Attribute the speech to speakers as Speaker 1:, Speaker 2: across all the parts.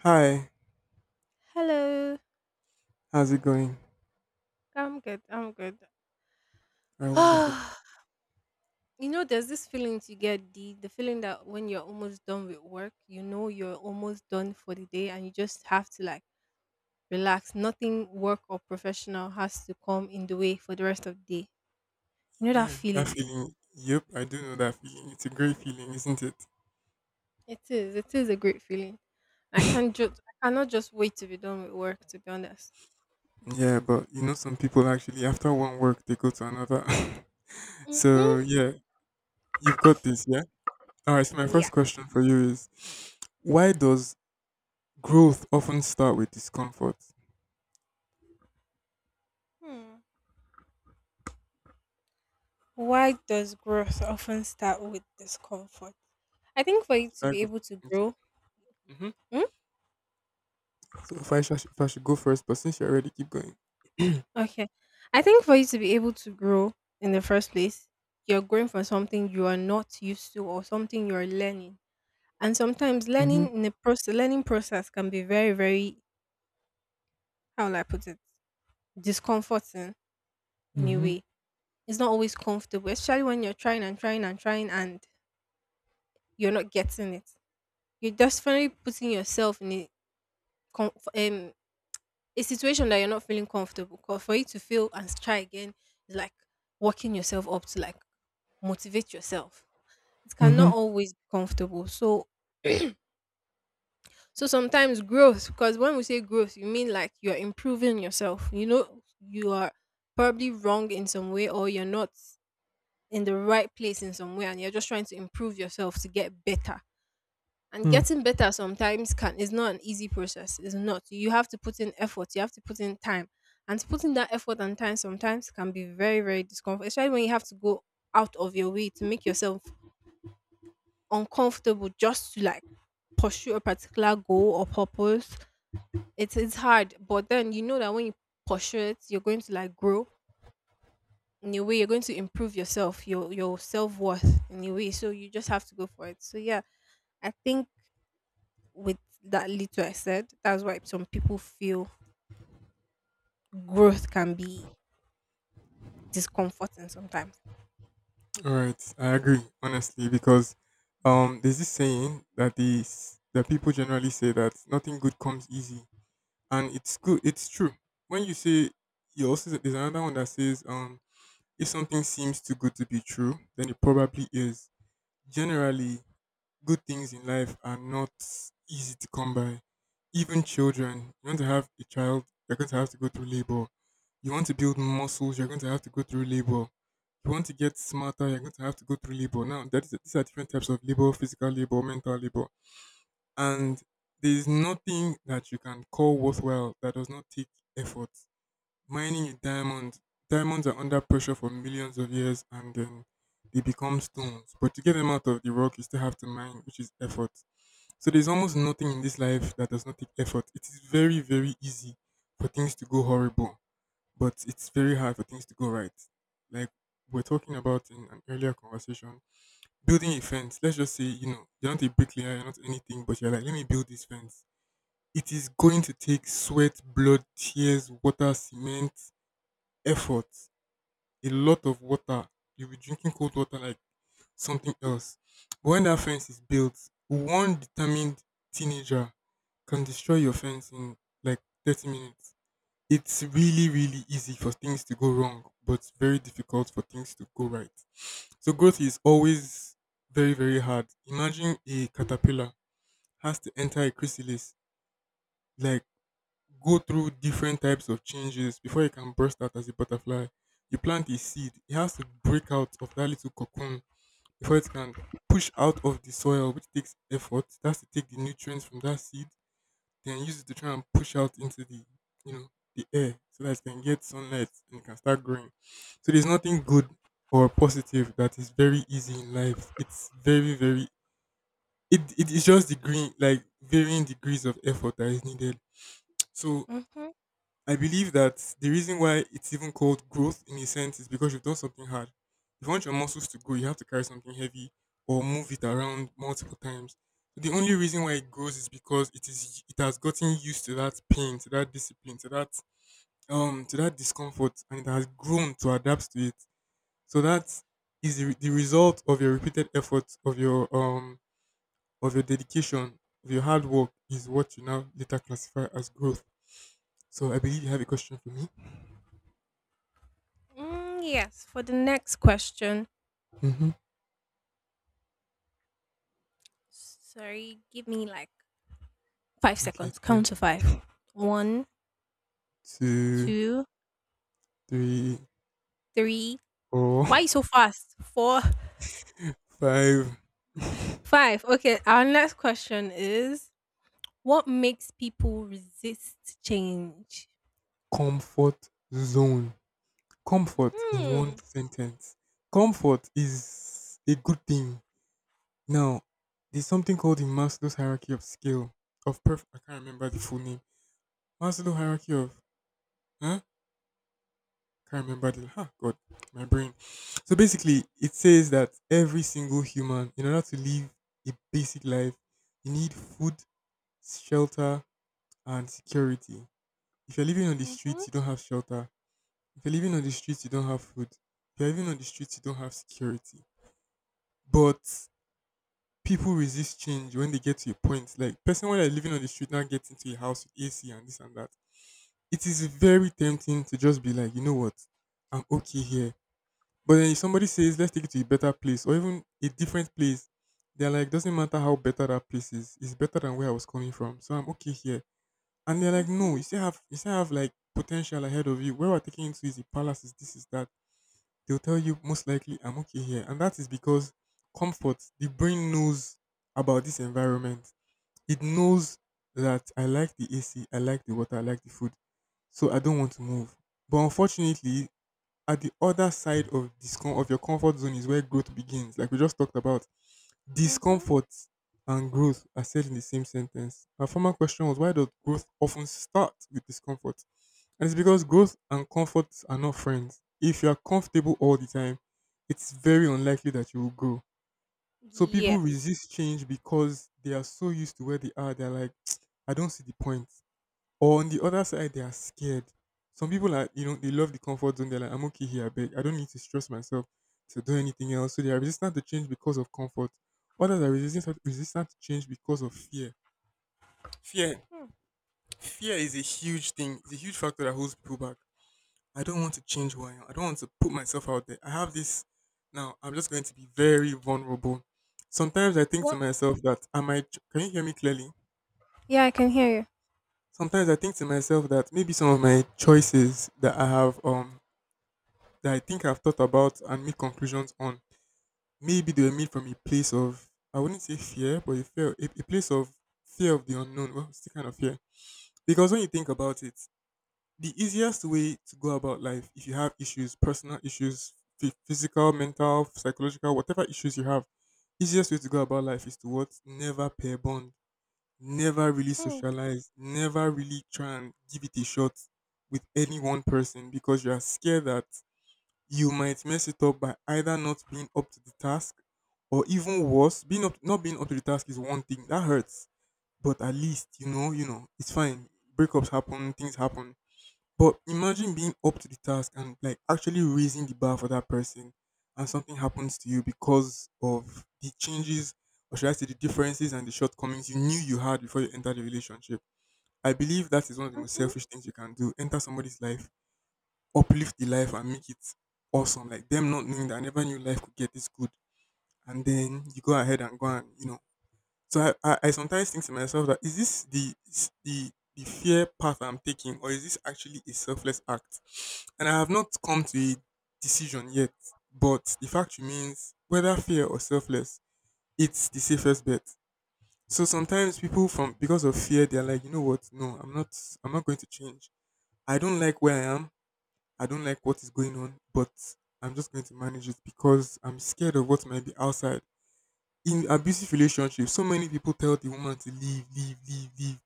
Speaker 1: Hi,
Speaker 2: Hello.
Speaker 1: how's it going?
Speaker 2: I'm good. I'm good.
Speaker 1: Very wonderful.
Speaker 2: Ah, you know, there's this feeling you get the feeling that when you're almost done with work, you know you're almost done for the day, and you just have to like relax. Nothing work or professional has to come in the way for the rest of the day. You know that
Speaker 1: Yeah, that
Speaker 2: feeling.
Speaker 1: feeling. Yep, I do know that feeling. It's a great feeling, isn't it?
Speaker 2: It is. It is a great feeling. I can't just. I cannot just wait to be done with work. To be honest.
Speaker 1: Yeah, but you know, some people actually, after one work, they go to another.
Speaker 2: Mhm.
Speaker 1: so, yeah, you've got this, yeah? All right, so my
Speaker 2: Yeah.
Speaker 1: first question for you is why does growth often start with discomfort? Should
Speaker 2: Hmm. Why does growth often start with discomfort? I think for you to
Speaker 1: I
Speaker 2: be
Speaker 1: go?
Speaker 2: able to
Speaker 1: Okay.
Speaker 2: grow.
Speaker 1: hmm
Speaker 2: Hmm?
Speaker 1: So, if I should go first, but since you're already, keep going.
Speaker 2: Okay. I think for you to be able to grow in the first place, you're growing from something you are not used to or something you're learning. And sometimes
Speaker 1: Mm-hmm.
Speaker 2: learning in the process learning process can be very, very, how will I put it? Discomforting in a
Speaker 1: Mm-hmm.
Speaker 2: way. It's not always comfortable, especially when you're trying and trying and trying and you're not getting it. You're definitely putting yourself in a com- um, a situation that you're not feeling comfortable. 'Cause for you to feel and try again is like working yourself up to like motivate yourself, it
Speaker 1: Mm-hmm.
Speaker 2: cannot always be comfortable. So sometimes growth, because when we say growth, you mean like you're improving yourself. You know you are probably wrong in some way or you're not in the right place in some way and you're just trying to improve yourself to get better. And getting better sometimes can is not an easy process. It's not. You have to put in effort, you have to put in time. And to put in that effort and time sometimes can be very, very discomfort, especially when you have to go out of your way to make yourself uncomfortable just to like pursue a particular goal or purpose. It's hard, but then you know that when you pursue it, you're going to like grow in a way. You're going to improve yourself, your self worth in a way. So you just have to go for it. So yeah, I think with that little I said, that's why some people feel growth can be discomforting sometimes.
Speaker 1: All right, I agree honestly because there's this saying that that people generally say that nothing good comes easy, and it's good. It's true. When you say, there's another one that says if something seems too good to be true, then it probably is. Generally, good things in life are not easy to come by. Even children, you want to have a child, you're going to have to go through labor. You want to build muscles, you're going to have to go through labor. You want to get smarter, you're going to have to go through labor. Now, that is, these are different types of labor, physical labor, mental labor. And there's nothing that you can call worthwhile that does not take effort. Mining a diamond, diamonds are under pressure for millions of years and then they become stones. But to get them out of the rock, you still have to mine, which is effort. So there's almost nothing in this life that does not take effort. It is very, very easy for things to go horrible, but it's very hard for things to go right. Like we're talking about in an earlier conversation, building a fence. Let's just say, you know, you're not a bricklayer, you're not anything, but you're like, let me build this fence. It is going to take sweat, blood, tears, water, cement, effort, a lot of water. You'll be drinking cold water like something else. But when that fence is built, one determined teenager can destroy your fence in like 30 minutes. It's really, really easy for things to go wrong, but very difficult for things to go right. So growth is always very, very hard. Imagine a caterpillar has to enter a chrysalis, like go through different types of changes before it can burst out as a butterfly. You plant a seed, it has to break out of that little cocoon before it can push out of the soil, which takes effort. It has to take the nutrients from that seed then use it to try and push out into the, you know, the air so that it can get sunlight and it can start growing. So there's nothing good or positive that is very easy in life. It's very, very, it is just the green like varying degrees of effort that is needed. So
Speaker 2: Mm-hmm.
Speaker 1: I believe that the reason why it's even called growth in a sense is because you've done something hard. If you want your muscles to grow, you have to carry something heavy or move it around multiple times. So the only reason why it grows is because it has gotten used to that pain, to that discipline, to that discomfort, and it has grown to adapt to it. So that is the result of your repeated efforts, of your dedication, of your hard work is what you now later classify as growth. So I believe you have a question for me.
Speaker 2: Mm, yes. For the next question,
Speaker 1: Mhm.
Speaker 2: sorry, give me like five
Speaker 1: Okay, it's
Speaker 2: seconds.
Speaker 1: fine.
Speaker 2: Count to five. One,
Speaker 1: Two,
Speaker 2: two,
Speaker 1: three,
Speaker 2: three.
Speaker 1: four,
Speaker 2: Why you so fast? Four,
Speaker 1: five.
Speaker 2: five. Okay, our next question is what makes people resist change?
Speaker 1: Comfort zone. Comfort in
Speaker 2: Hmm.
Speaker 1: one sentence. Comfort is a good thing. Now, there's something called the Maslow's hierarchy of skill of perf. I can't remember the full name. Maslow hierarchy of huh? Can't remember the. Ah, God, my brain. So basically, it says that every single human, in order to live a basic life, you need food, shelter, and security. If you're living on the
Speaker 2: Mm-hmm.
Speaker 1: streets, you don't have shelter. If you're living on the streets, you don't have food. If you're living on the streets, you don't have security. But people resist change when they get to a point. Like person when they're living on the street now gets into a house with AC and this and that. It is very tempting to just be like, you know what, I'm okay here. But then if somebody says, let's take it to a better place or even a different place, they're like, doesn't matter how better that place is, it's better than where I was coming from. So I'm okay here. And they're like, no,
Speaker 2: Mm-hmm.
Speaker 1: you still have like potential ahead of you. Where we're taking you to is the palaces, this is that. They'll tell you most likely I'm okay here. And that is because comfort, the brain knows about this environment. It knows that I like the AC, I like the water, I like the food. So I don't want to move. But unfortunately, at the other side of this of your comfort zone is where growth begins, like we just talked about.
Speaker 2: Mm-hmm.
Speaker 1: Discomfort and growth are said in the same sentence. Our former question was, why does growth often start with discomfort? And it's because growth and comfort are not friends. If you are comfortable all the time, it's very unlikely that you will grow. So people
Speaker 2: Yes.
Speaker 1: resist change because they are so used to where they are. They're like, I don't see the point. Or on the other side, they are scared. Some people are, you know, they love the comfort zone. They're like, I'm okay here, I beg. I don't need to stress myself to do anything else. So they are resistant to change because of comfort. Others are resistant to change because of fear. Fear,
Speaker 2: Hmm.
Speaker 1: fear is a huge thing. It's a huge factor that holds people back. I don't want to change who I am. I don't want to put myself out there. I have this now. I'm just going to be very vulnerable. Sometimes I think to
Speaker 2: What?
Speaker 1: myself that I might. Can you hear me clearly?
Speaker 2: Yeah, I can hear you.
Speaker 1: Sometimes I think to myself that maybe some of my choices that I have that I think I've thought about and made conclusions on. Maybe they were made from a place of, I wouldn't say fear, but fear, a place of fear of the unknown. Well, still kind of fear. Because when you think about it, the easiest way to go about life, if you have issues, personal issues, physical, mental, psychological, whatever issues you have, easiest way to go about life is to what? Never pair bond. Never really
Speaker 2: Hmm.
Speaker 1: socialize. Never really try and give it a shot with any one person because you are scared that you might mess it up by either not being up to the task or even worse, being up not being up to the task is one thing. That hurts. But at least you know, it's fine. Breakups happen, things happen. But imagine being up to the task and like actually raising the bar for that person and something happens to you because of the changes, or should I say the differences and the shortcomings you knew you had before you entered the relationship. I believe that is one of the most
Speaker 2: Mm-hmm.
Speaker 1: selfish things you can do. Enter somebody's life, uplift the life and make it awesome. Like them not knowing that I never knew life could get this good. And then you go ahead and go and you know. So I sometimes think to myself that is this the is the fear path I'm taking, or is this actually a selfless act? And I have not come to a decision yet. But the fact remains, whether fear or selfless, it's the safest bet. So sometimes people from because of fear, they're like, you know what? No, I'm not. I'm not going to change. I don't like where I am. I don't like what is going on, but I'm just going to manage it because I'm scared of what might be outside. In abusive relationships, so many people tell the woman to leave, leave, leave, leave.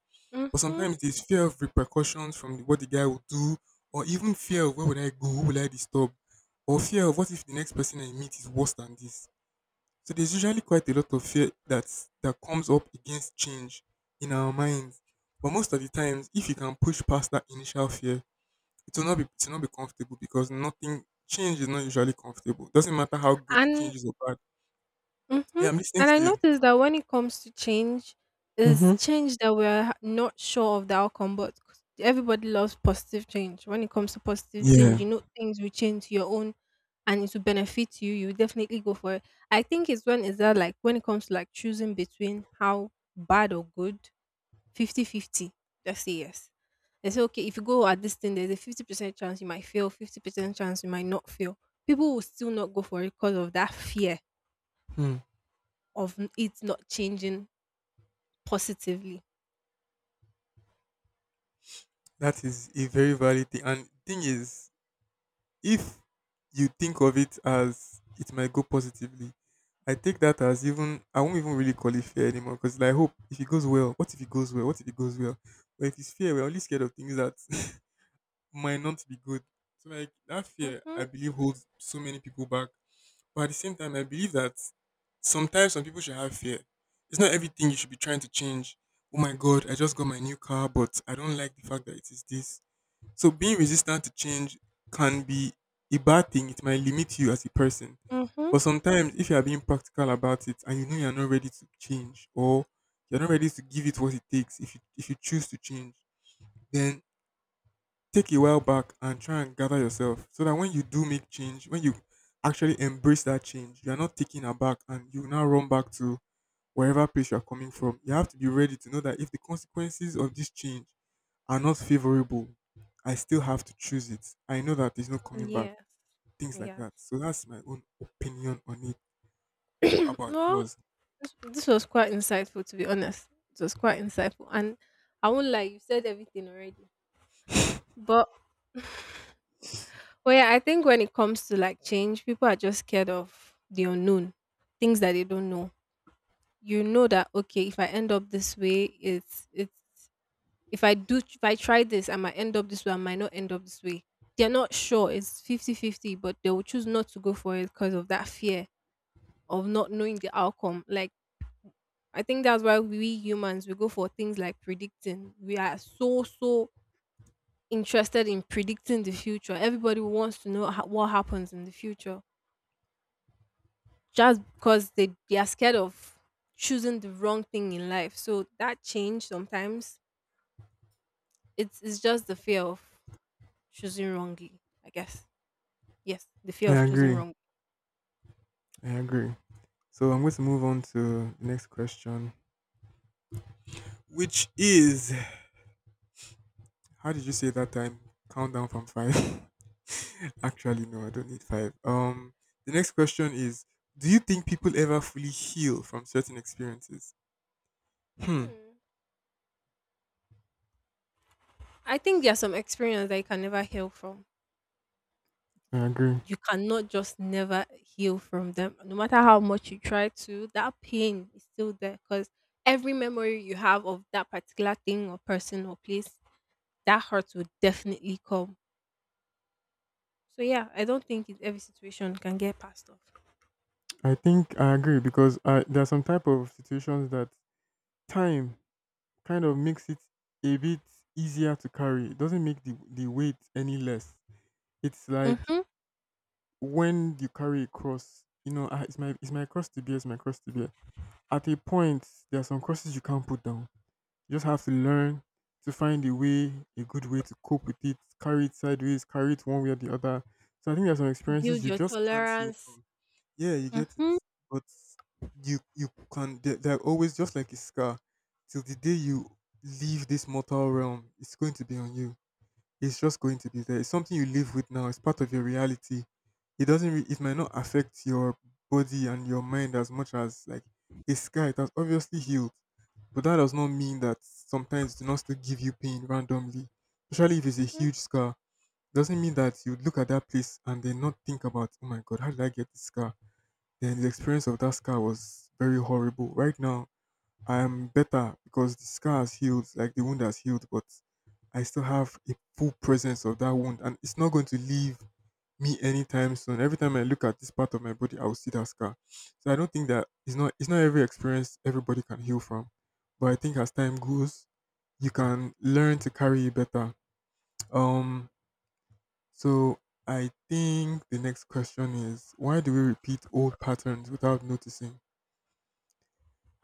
Speaker 1: But
Speaker 2: Mm-hmm.
Speaker 1: sometimes there's fear of repercussions from the, what the guy will do, or even fear of where would I go, who will I disturb, or fear of what if the next person I meet is worse than this. So there's usually quite a lot of fear that comes up against change in our minds. But most of the times, if you can push past that initial fear, it will not be comfortable because nothing change is not usually comfortable. Doesn't matter how good the
Speaker 2: And
Speaker 1: change is or bad.
Speaker 2: Mm-hmm.
Speaker 1: Yeah, I'm listening
Speaker 2: And I
Speaker 1: to you.
Speaker 2: noticed that when it comes to change, is
Speaker 1: Mm-hmm.
Speaker 2: change that we're not sure of the outcome, but everybody loves positive change. When it comes to positive
Speaker 1: Yeah.
Speaker 2: change, you know things will change your own and it will benefit you, you definitely go for it. I think it's when is that like when it comes to like choosing between how bad or good, 50-50. 50. Just say yes. They say, okay, if you go at this thing, there's a 50% chance you might fail, 50% chance you might not fail. People will still not go for it because of that fear
Speaker 1: Hmm.
Speaker 2: of n it not changing positively.
Speaker 1: That is a very valid thing. And thing is, if you think of it as it might go positively, I take that as even I won't even really call it fear anymore because I hope if it goes well, what if it goes well? What if it goes well? But if it's fear, we're only scared of things that might not be good. So like that fear I
Speaker 2: Mhm,
Speaker 1: believe holds so many people back. But at the same time I believe that sometimes some people should have fear. It's not everything you should be trying to change. Oh my god, I just got my new car, but I don't like the fact that it is this. So being resistant to change can be a bad thing. It might limit you as a person.
Speaker 2: mhm.
Speaker 1: But sometimes if you are being practical about it and you know you're not ready to change or you're not ready to give it what it takes if you choose to change, then take a while back and try and gather yourself so that when you do make change, when you actually embrace that change, you are not taken aback and you now run back to wherever place you are coming from. You have to be ready to know that if the consequences of this change are not favorable, I still have to choose it. I know that there's no coming back,
Speaker 2: Yes.
Speaker 1: things like
Speaker 2: Yeah.
Speaker 1: that. So that's my own opinion on it. What about
Speaker 2: Well,
Speaker 1: yours?
Speaker 2: this was quite insightful to be honest. It was quite insightful and I won't lie, you said everything already. But well, yeah, I think when it comes to like change, people are just scared of the unknown, things that they don't know. You know that okay, if I end up this way, it's if I try this, I might end up this way, I might not end up this way. They're not sure, it's 50-50, but they will choose not to go for it because of that fear of not knowing the outcome. Like, I think that's why we humans, we go for things like predicting. We are so, so interested in predicting the future. Everybody wants to know what happens in the future just because they are scared of choosing the wrong thing in life. So that change sometimes, it's just the fear of choosing wrongly, I guess. Yes, the fear
Speaker 1: I
Speaker 2: of choosing
Speaker 1: agree.
Speaker 2: wrong.
Speaker 1: I agree. So I'm going to move on to the next question, which is: how did you say that time? Countdown from five. Actually, no, I don't need five. The next question is: do you think people ever fully heal from certain experiences? Hmm.
Speaker 2: Hmm. I think there are some experiences that you can never heal from.
Speaker 1: I agree.
Speaker 2: You cannot just never heal from them. No matter how much you try to, that pain is still there because every memory you have of that particular thing or person or place, that hurt will definitely come. So, yeah, I don't think it, every situation can get passed off.
Speaker 1: I think I agree because there are some type of situations that time kind of makes it a bit easier to carry. It doesn't make the weight any less. It's like
Speaker 2: Hmm.
Speaker 1: when you carry a cross. It's my cross to bear. It's my cross to bear. At a point, there are some crosses you can't put down. You just have to learn to find a way, a good way to cope with it, carry it sideways, carry it one way or the other. So I think there's some experiences
Speaker 2: Build
Speaker 1: you
Speaker 2: your
Speaker 1: just can't heal
Speaker 2: tolerance.
Speaker 1: from. Yeah, you get it,
Speaker 2: Hmm.
Speaker 1: but you can. They're always just like a scar. Till the day you leave this mortal realm, it's going to be on you. It's just going to be there. It's something you live with now. It's part of your reality. It doesn't. It might not affect your body and your mind as much as like a scar. It has obviously healed, but that does not mean that sometimes it do not still give you pain randomly, especially if it's a
Speaker 2: Mm-hmm.
Speaker 1: huge scar. Doesn't mean that you look at that place and then not think about, oh my god, how did I get this scar? Then the experience of that scar was very horrible. Right now, I am better because the scar has healed, like the wound has healed, but I still have a full presence of that wound, and it's not going to leave me anytime soon. Every time I look at this part of my body, I will see that scar. So I don't think that it's not every experience everybody can heal from. But I think as time goes, you can learn to carry it better. Um so I think the next question is: why do we repeat old patterns without noticing?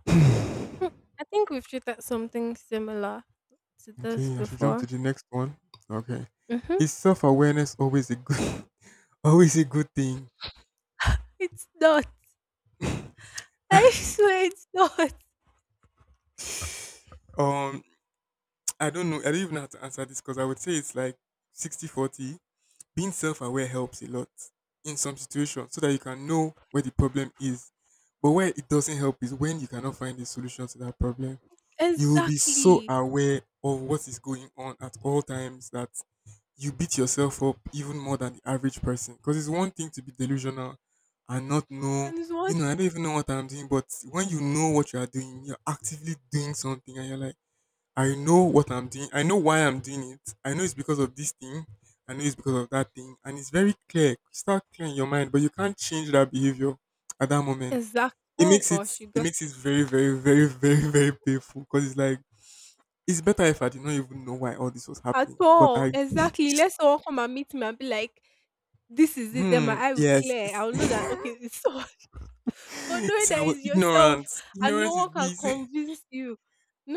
Speaker 2: I think we've treated something similar to this
Speaker 1: Okay, I should jump to
Speaker 2: before.
Speaker 1: the next one. Okay.
Speaker 2: Hmm.
Speaker 1: Is self awareness always a good always a good thing?
Speaker 2: It's not. I swear it's not.
Speaker 1: um I don't know. I don't even know how to answer this because I would say it's like 60/40. Being self aware helps a lot in some situations so that you can know where the problem is. But where it doesn't help is when you cannot find a solution to that problem. You will be so
Speaker 2: Exactly.
Speaker 1: aware of what is going on at all times that you beat yourself up even more than the average person. Because it's one thing to be delusional and not know,
Speaker 2: And it's one
Speaker 1: I don't even know what I'm doing. But when you know what you are doing, you're actively doing something and you're like, I know what I'm doing. I know why I'm doing it. I know it's because of this thing. I know it's because of that thing. And it's very clear. You start clearing your mind, but you can't change that behavior at that moment.
Speaker 2: exact,
Speaker 1: It
Speaker 2: oh
Speaker 1: makes it
Speaker 2: gosh, you
Speaker 1: it
Speaker 2: got
Speaker 1: makes
Speaker 2: it.
Speaker 1: it very, very, very, very, very painful. Because it's like it's better if I did not even know why all this was
Speaker 2: At
Speaker 1: happening. But
Speaker 2: all.
Speaker 1: I
Speaker 2: Exactly. Let someone come and meet me and be like, this is it, then my
Speaker 1: hmm,
Speaker 2: eye will
Speaker 1: yes.
Speaker 2: clear.
Speaker 1: This,
Speaker 2: I'll know that okay, it's so but knowing
Speaker 1: so I
Speaker 2: that
Speaker 1: was
Speaker 2: it's yourself
Speaker 1: ignorant.
Speaker 2: and no
Speaker 1: Ignorance is
Speaker 2: one can
Speaker 1: bliss.
Speaker 2: convince you.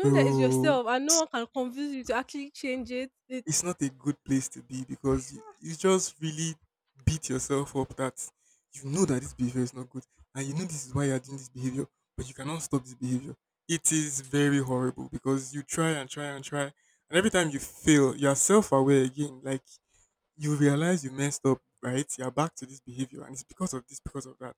Speaker 2: that it's
Speaker 1: Bro.
Speaker 2: yourself and no one can convince you to actually change it, it's
Speaker 1: It's not a good place to be because you just really beat yourself up that you know that this behavior is not good and you know this is why you are doing this behavior, but you cannot stop this behavior. It is very horrible because you try and try and try, and every time you fail, you are self aware again. Like you realize you messed up, right? You are back to this behavior, and it's because of this, because of that.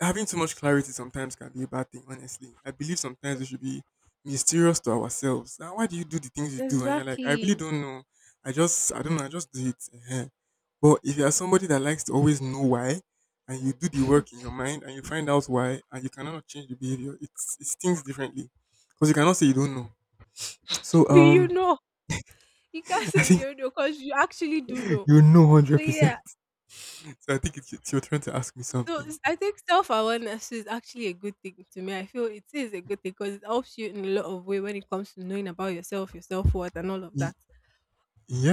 Speaker 1: Having too much clarity sometimes can be a bad thing, honestly. I believe sometimes we should be mysterious to ourselves. Now, why do you do the things you do? And you're like, I really
Speaker 2: exactly.
Speaker 1: don't know. I don't know. I just do it. Ehen. But if you're somebody that likes to always know why, and you do the work in your mind and you find out why, and you cannot change the behavior, it stings differently because you cannot say you don't know. So,
Speaker 2: Do you know? You can't
Speaker 1: I
Speaker 2: say
Speaker 1: think
Speaker 2: you don't know because you actually do know.
Speaker 1: you know one
Speaker 2: So
Speaker 1: hundred
Speaker 2: yeah.
Speaker 1: percent. So I think it's your turn to ask me
Speaker 2: So
Speaker 1: something.
Speaker 2: I think self awareness is actually a good thing to me. I feel it is a good thing because it helps you in a lot of way when it comes to knowing about yourself, your self worth, and all of
Speaker 1: Y-
Speaker 2: that.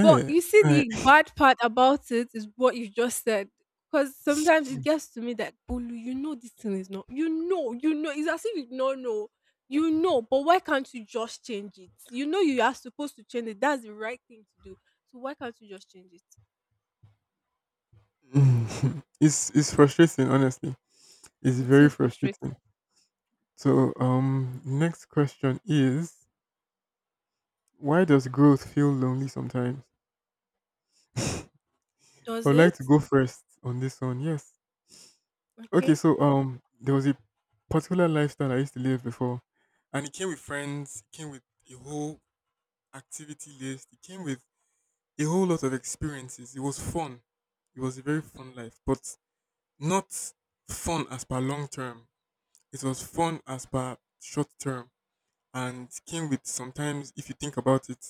Speaker 2: But you see,
Speaker 1: I,
Speaker 2: the bad part about it is what you just said. Because sometimes it gets to me that Bolu, you know this thing is not. You know, you know. It's as if you don't know. You know, but why can't you just change it? You know you are supposed to change it. That's the right thing to do. So why can't you just change it?
Speaker 1: it's frustrating, honestly. It's
Speaker 2: It
Speaker 1: very
Speaker 2: is frustrating.
Speaker 1: frustrating. So, next question is: why does growth feel lonely sometimes? I
Speaker 2: Does
Speaker 1: would like to
Speaker 2: it?
Speaker 1: go first on this one. Yes. Okay.
Speaker 2: Okay.
Speaker 1: So, there was a particular lifestyle I used to live before, and it came with friends, it came with a whole activity list, it came with a whole lot of experiences. It was fun. It was a very fun life, but not fun as per long term. It was fun as per short term and came with sometimes, if you think about it,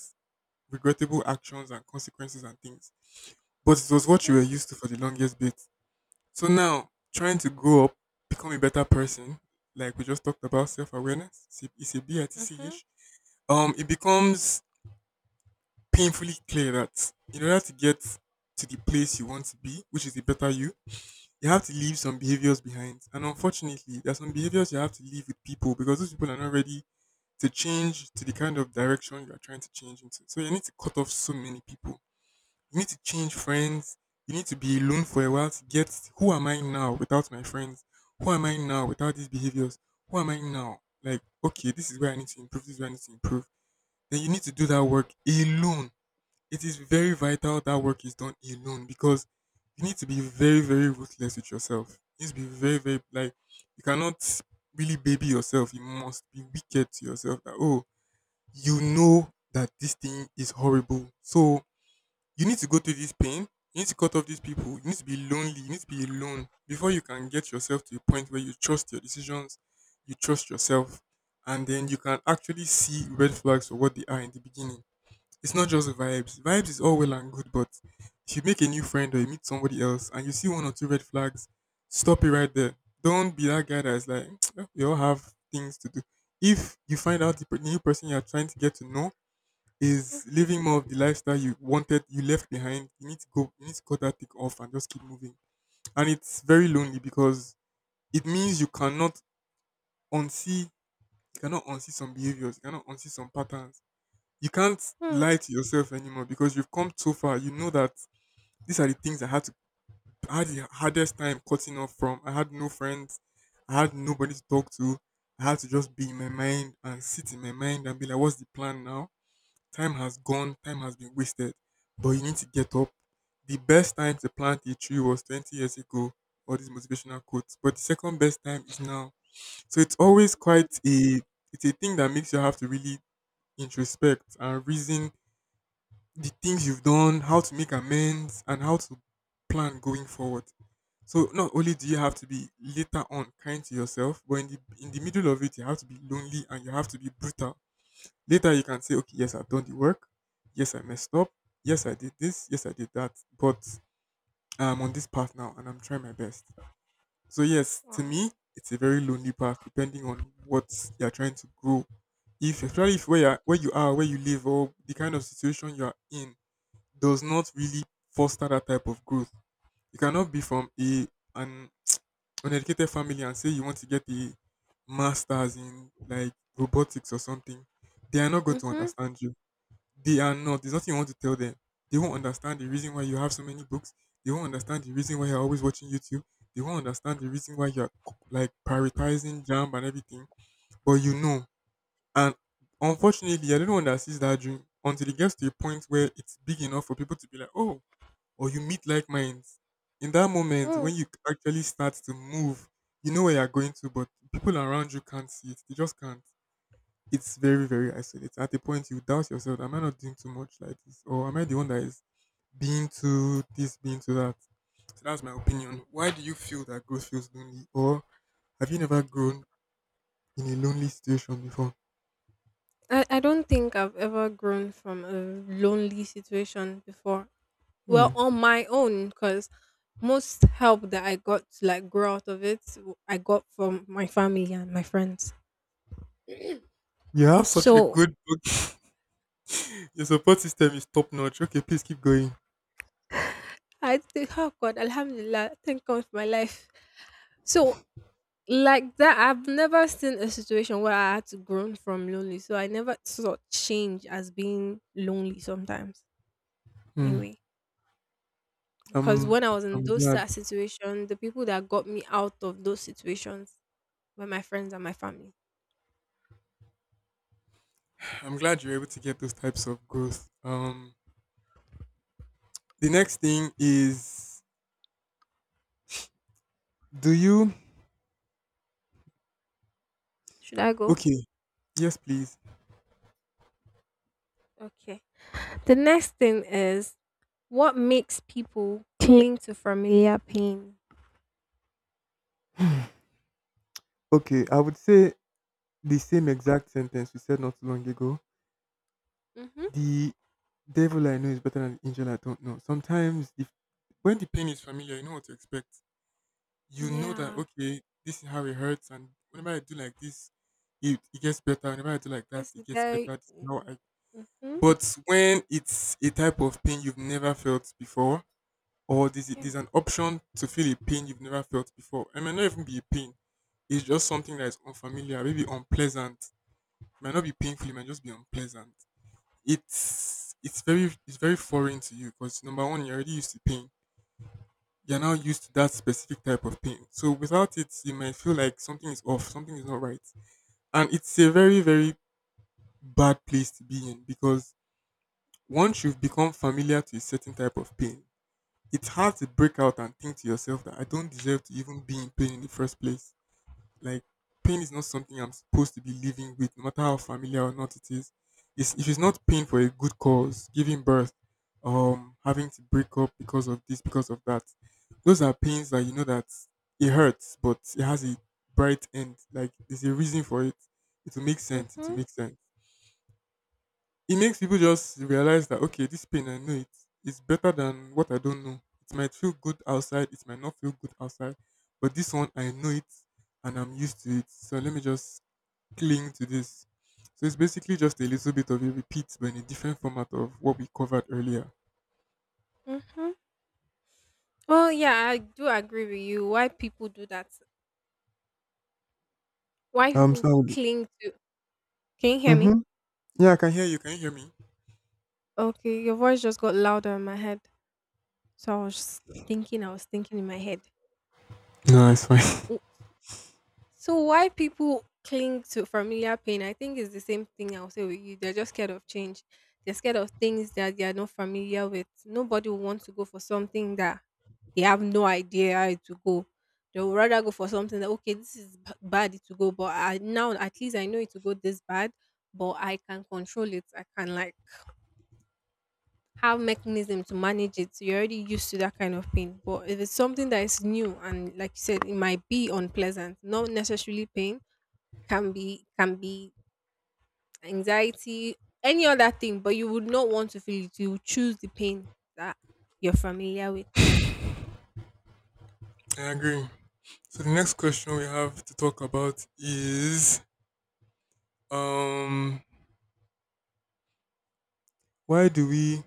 Speaker 1: regrettable actions and consequences and things. But it was what you
Speaker 2: Okay.
Speaker 1: were used to for the longest bit. So now, trying to grow up, become a better person, like we just talked about self awareness, it's a B I T C
Speaker 2: Mm-hmm.
Speaker 1: H, it becomes painfully clear that in order to get to the place you want to be, which is a better you, you have to leave some behaviors behind. And unfortunately, there are some behaviors you have to leave with people because those people are not ready to change to the kind of direction you are trying to change into. So you need to cut off so many people. You need to change friends. You need to be alone for a while to get who am I now without my friends? Who am I now without these behaviors? Who am I now? Like, okay, this is where I need to improve, this is where I need to improve. Then you need to do that work alone. It is very vital that work is done alone because you need to be very, very ruthless with yourself. You need to be very, very like you cannot really baby yourself. You must be wicked to yourself that oh, you know that this thing is horrible. So you need to go through this pain. You need to cut off these people. You need to be lonely. You need to be alone before you can get yourself to a point where you trust your decisions, you trust yourself, and then you can actually see red flags for what they are in the beginning. It's not just vibes. Vibes is all well and good, but if you make a new friend or you meet somebody else and you see one or two red flags, stop it right there. Don't be that guy that's like, we all have things to do. If you find out the new person you're trying to get to know is
Speaker 2: Mm-hmm.
Speaker 1: living more of the lifestyle you wanted you left behind, you need to go, you need to cut that thing off and just keep moving, and it's very lonely because it means you cannot unsee, you cannot unsee some behaviors, you cannot unsee some patterns, you can't
Speaker 2: Mm,
Speaker 1: lie to yourself anymore because you've come so far, you know that these are the things I had to I had the hardest time cutting off from. I had no friends, I had nobody to talk to, I had to just be in my mind and sit in my mind and be like, what's the plan now? Time has gone, time has been wasted, but you need to get up. The best time to plant a tree was 20 years ago, all these motivational quotes, but the second best time is now. So it's always
Speaker 2: mhm.
Speaker 1: quite a It's a thing that makes you have to really introspect and reason the things you've done, how to make amends, and how to plan going forward. So not only do you have to be later on kind to yourself, but in the middle of it, you have to be lonely and you have to be brutal. Later you can say, okay, yes, I've done the work. Yes, I messed up. Yes, I did this. Yes, I did that. But I'm on this path now and I'm trying my best. So, yes, to
Speaker 2: Wow.
Speaker 1: me, it's a very lonely path depending on what you're trying to grow. If, especially if where, you're, Where you are, where you live, or the kind of situation you are in does not really foster that type of growth. You cannot be from a an uneducated family and say you want to get a master's in like robotics or something. They are not going to
Speaker 2: Mhm.
Speaker 1: understand you, they are not. There's nothing you want to tell them. They won't understand the reason why you have so many books. They won't understand the reason why you're always watching YouTube. They won't understand the reason why you're like prioritizing jam and everything. But you know. And unfortunately, you're the only one that sees that dream until it gets to a point where it's big enough for people to be like, oh, or you meet like minds. In that moment,
Speaker 2: Mm.
Speaker 1: when you actually start to move, you know where you're going to, but people around you can't see it. They just can't. It's very, very isolated. At a point, you doubt yourself. Am I not doing too much like this? Or am I the one that is being to this, being to that? So that's my opinion. Why do you feel that growth feels lonely? Or have you never grown in a lonely situation before?
Speaker 2: I don't think I've ever grown from a lonely situation before.
Speaker 1: Hmm.
Speaker 2: Well, on my own, because most help that I got to like grow out of it, I got from my family and my friends.
Speaker 1: You have such a
Speaker 2: So
Speaker 1: good book. Your support system is top notch. Okay, please keep going.
Speaker 2: I think, oh God, Alhamdulillah, thank God for my life. So like that, I've never seen a situation where I had to grow from lonely. So I never saw change as being lonely sometimes.
Speaker 1: Hmm.
Speaker 2: Anyway. Because
Speaker 1: Um,
Speaker 2: when I was in
Speaker 1: I'm
Speaker 2: those
Speaker 1: glad.
Speaker 2: sad situations, the people that got me out of those situations were my friends and my family.
Speaker 1: I'm glad you're able to get those types of growth. The next thing is, do you?
Speaker 2: Should I go?
Speaker 1: Okay, yes, please.
Speaker 2: Okay. The next thing is what makes people cling to familiar pain?
Speaker 1: Okay, I would say the same exact sentence we said not too long ago.
Speaker 2: Mm-hmm.
Speaker 1: The devil I know is better than the angel I don't know. Sometimes, if when the pain is familiar, you know what to expect. You know that,
Speaker 2: Yeah.
Speaker 1: okay, this is how it hurts, and whenever I do like this, it gets better. Whenever I do like that,
Speaker 2: This
Speaker 1: it
Speaker 2: is
Speaker 1: gets
Speaker 2: very.
Speaker 1: better. This is how I-
Speaker 2: Mm-hmm.
Speaker 1: But when it's a type of pain you've never felt before, or
Speaker 2: Yeah.
Speaker 1: there's an option to feel a pain you've never felt before, it may not even be a pain. It's just something that is unfamiliar, maybe unpleasant. It might not be painful, it might just be unpleasant. It's very foreign to you because number one, you're already used to pain, you're now used to that specific type of pain, so without it you might feel like something is off, something is not right, and it's a very, very bad place to be in because once you've become familiar to a certain type of pain, it's hard to break out and think to yourself that I don't deserve to even be in pain in the first place. Like, pain is not something I'm supposed to be living with, no matter how familiar or not it is. It's, if it's not pain for a good cause, giving birth, having to break up because of this, because of that, those are pains that you know that it hurts, but it has a bright end. Like, there's a reason for it. It will make sense. It will
Speaker 2: Mm-hmm.
Speaker 1: make sense. It makes people just realize that, okay, this pain, I know it. It is better than what I don't know. It might feel good outside, it might not feel good outside, but this one I know it and I'm used to it. So let me just cling to this. So it's basically just a little bit of a repeat, but in a different format of what we covered earlier.
Speaker 2: Mm-hmm. Well, yeah, I do agree with you. Why people do that? Why
Speaker 1: Um,
Speaker 2: people
Speaker 1: so
Speaker 2: cling to? Can you hear me?
Speaker 1: mm-hmm. Yeah, I can hear you. Can you hear me?
Speaker 2: Okay, your voice just got louder in my head. So I was thinking. I was thinking in my head.
Speaker 1: No, it's fine.
Speaker 2: So why people cling to familiar pain? I think it's the same thing I'll say with you. They're just scared of change. They're scared of things that they are not familiar with. Nobody will want to go for something that they have no idea how to go. They would rather go for something that okay, this is bad to go, but now at least I know it to go this bad, but I can control it. I can like have mechanism to manage it. So you're already used to that kind of pain. But if it's something that is new and like you said, it might be unpleasant, not necessarily pain, can be anxiety, any other thing, but you would not want to feel it. You would choose the pain that you're familiar with.
Speaker 1: I agree. So the next question we have to talk about is, um, why do we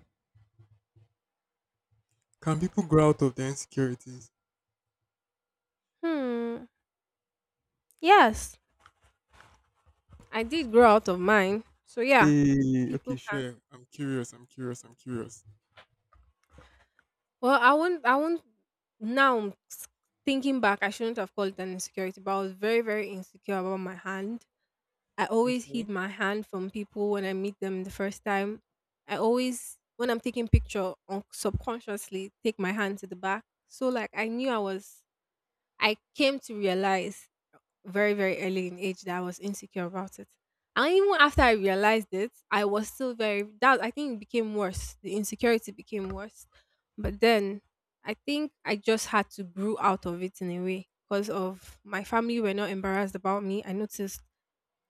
Speaker 1: can people grow out of their insecurities?
Speaker 2: Hmm. Yes, I did grow out of mine. So yeah,
Speaker 1: Hey, okay,
Speaker 2: people can.
Speaker 1: sure. I'm curious. I'm curious. I'm curious.
Speaker 2: Well, I won't. I won't. Now thinking back, I shouldn't have called it an insecurity, but I was very, very insecure about my hand. I always
Speaker 1: Okay,
Speaker 2: hid my hand from people when I meet them the first time. I always, when I'm taking picture, subconsciously take my hand to the back. So like I knew I was, I came to realize very very early in age that I was insecure about it. And even after I realized it, I was still very that I think it became worse. The insecurity became worse. But then I think I just had to brew out of it in a way because of my family were not embarrassed about me. I noticed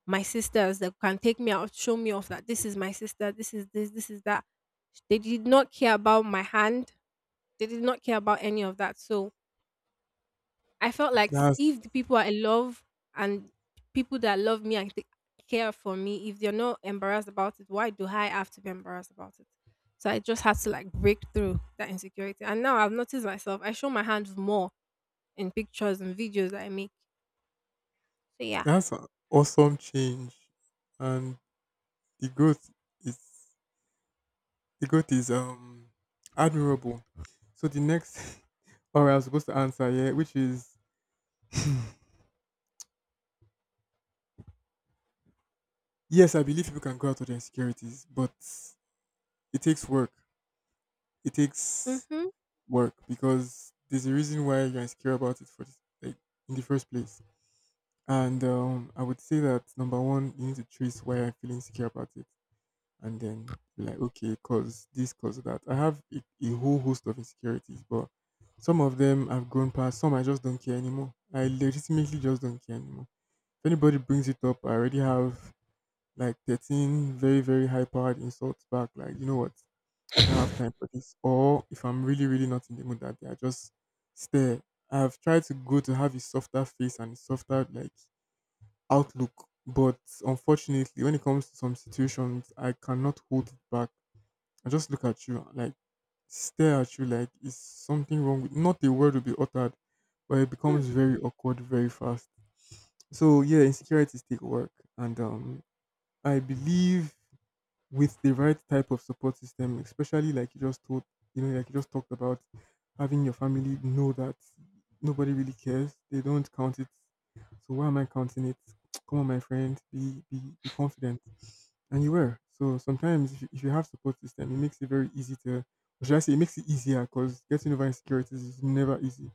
Speaker 2: my sisters that can take me out, show me off that this is my sister, this is this, this is that. They did not care about my hand. They did not care about any of that. So I felt like
Speaker 1: that's
Speaker 2: if the people I love and people that love me and take care for me, if they're not embarrassed about it, why do I have to be embarrassed about it? So I just had to like break through that insecurity. And now I've noticed myself. I show my hands more in pictures and videos that I make. So yeah.
Speaker 1: that's an awesome change, and the growth is the growth is admirable. So the next, or I was supposed to answer, yeah, which is yes, I believe people can go out of their insecurities, but it takes work. It takes
Speaker 2: Mm-hmm.
Speaker 1: work because there's a reason why you're insecure about it for this, like, in the first place. And I would say that number one, you need to trace why you're feeling insecure about it, and then be like, okay, cause this, cause that. I have a whole host of insecurities, but some of them I've grown past. Some I just don't care anymore. I legitimately just don't care anymore. If anybody brings it up, I already have like 13 very, very high powered insults back. Like, you know what? I don't have time for this. Or if I'm really, really not in the mood that day, I just stare. I've tried to go to have a softer face and a softer like outlook. But unfortunately, when it comes to some situations, I cannot hold it back. I just look at you, like stare at you, like is something wrong? With, not a word will be uttered, but it
Speaker 2: Mm-hmm.
Speaker 1: becomes very awkward very fast. So yeah, insecurities take work, and I believe with the right type of support system, especially like you just told, you know, like you just talked about having your family know that nobody really cares. They don't count it. So why am I counting it? Come on, my friend, be confident. And you were. So sometimes if you have support system, it makes it very easy to, or should I say, it makes it easier because getting over insecurities is never easy.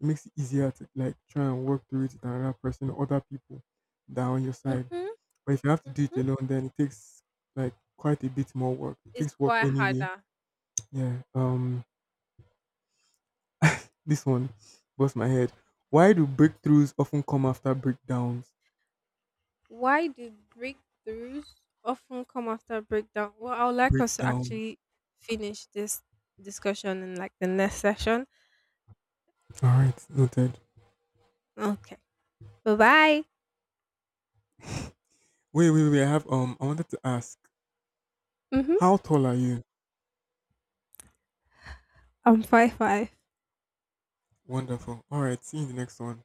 Speaker 1: It makes it easier to like try and work through it with another person, other people that are on your side.
Speaker 2: Mm-hmm.
Speaker 1: But if you have to do it
Speaker 2: Mm-hmm.
Speaker 1: alone, then it takes like quite a bit more work. It
Speaker 2: It's
Speaker 1: takes work
Speaker 2: quite
Speaker 1: anyway.
Speaker 2: harder.
Speaker 1: Yeah. This one bust my head. Why do breakthroughs often come after breakdowns?
Speaker 2: Why do breakthroughs often come after breakdown? Well, I would like us to
Speaker 1: Breakdowns.
Speaker 2: actually finish this discussion in like the next session.
Speaker 1: All right, noted.
Speaker 2: Okay. Bye bye.
Speaker 1: Wait. I have I wanted to ask,
Speaker 2: Mm-hmm.
Speaker 1: how tall are you?
Speaker 2: I'm 5'5".
Speaker 1: Wonderful. All right. See you in the next one.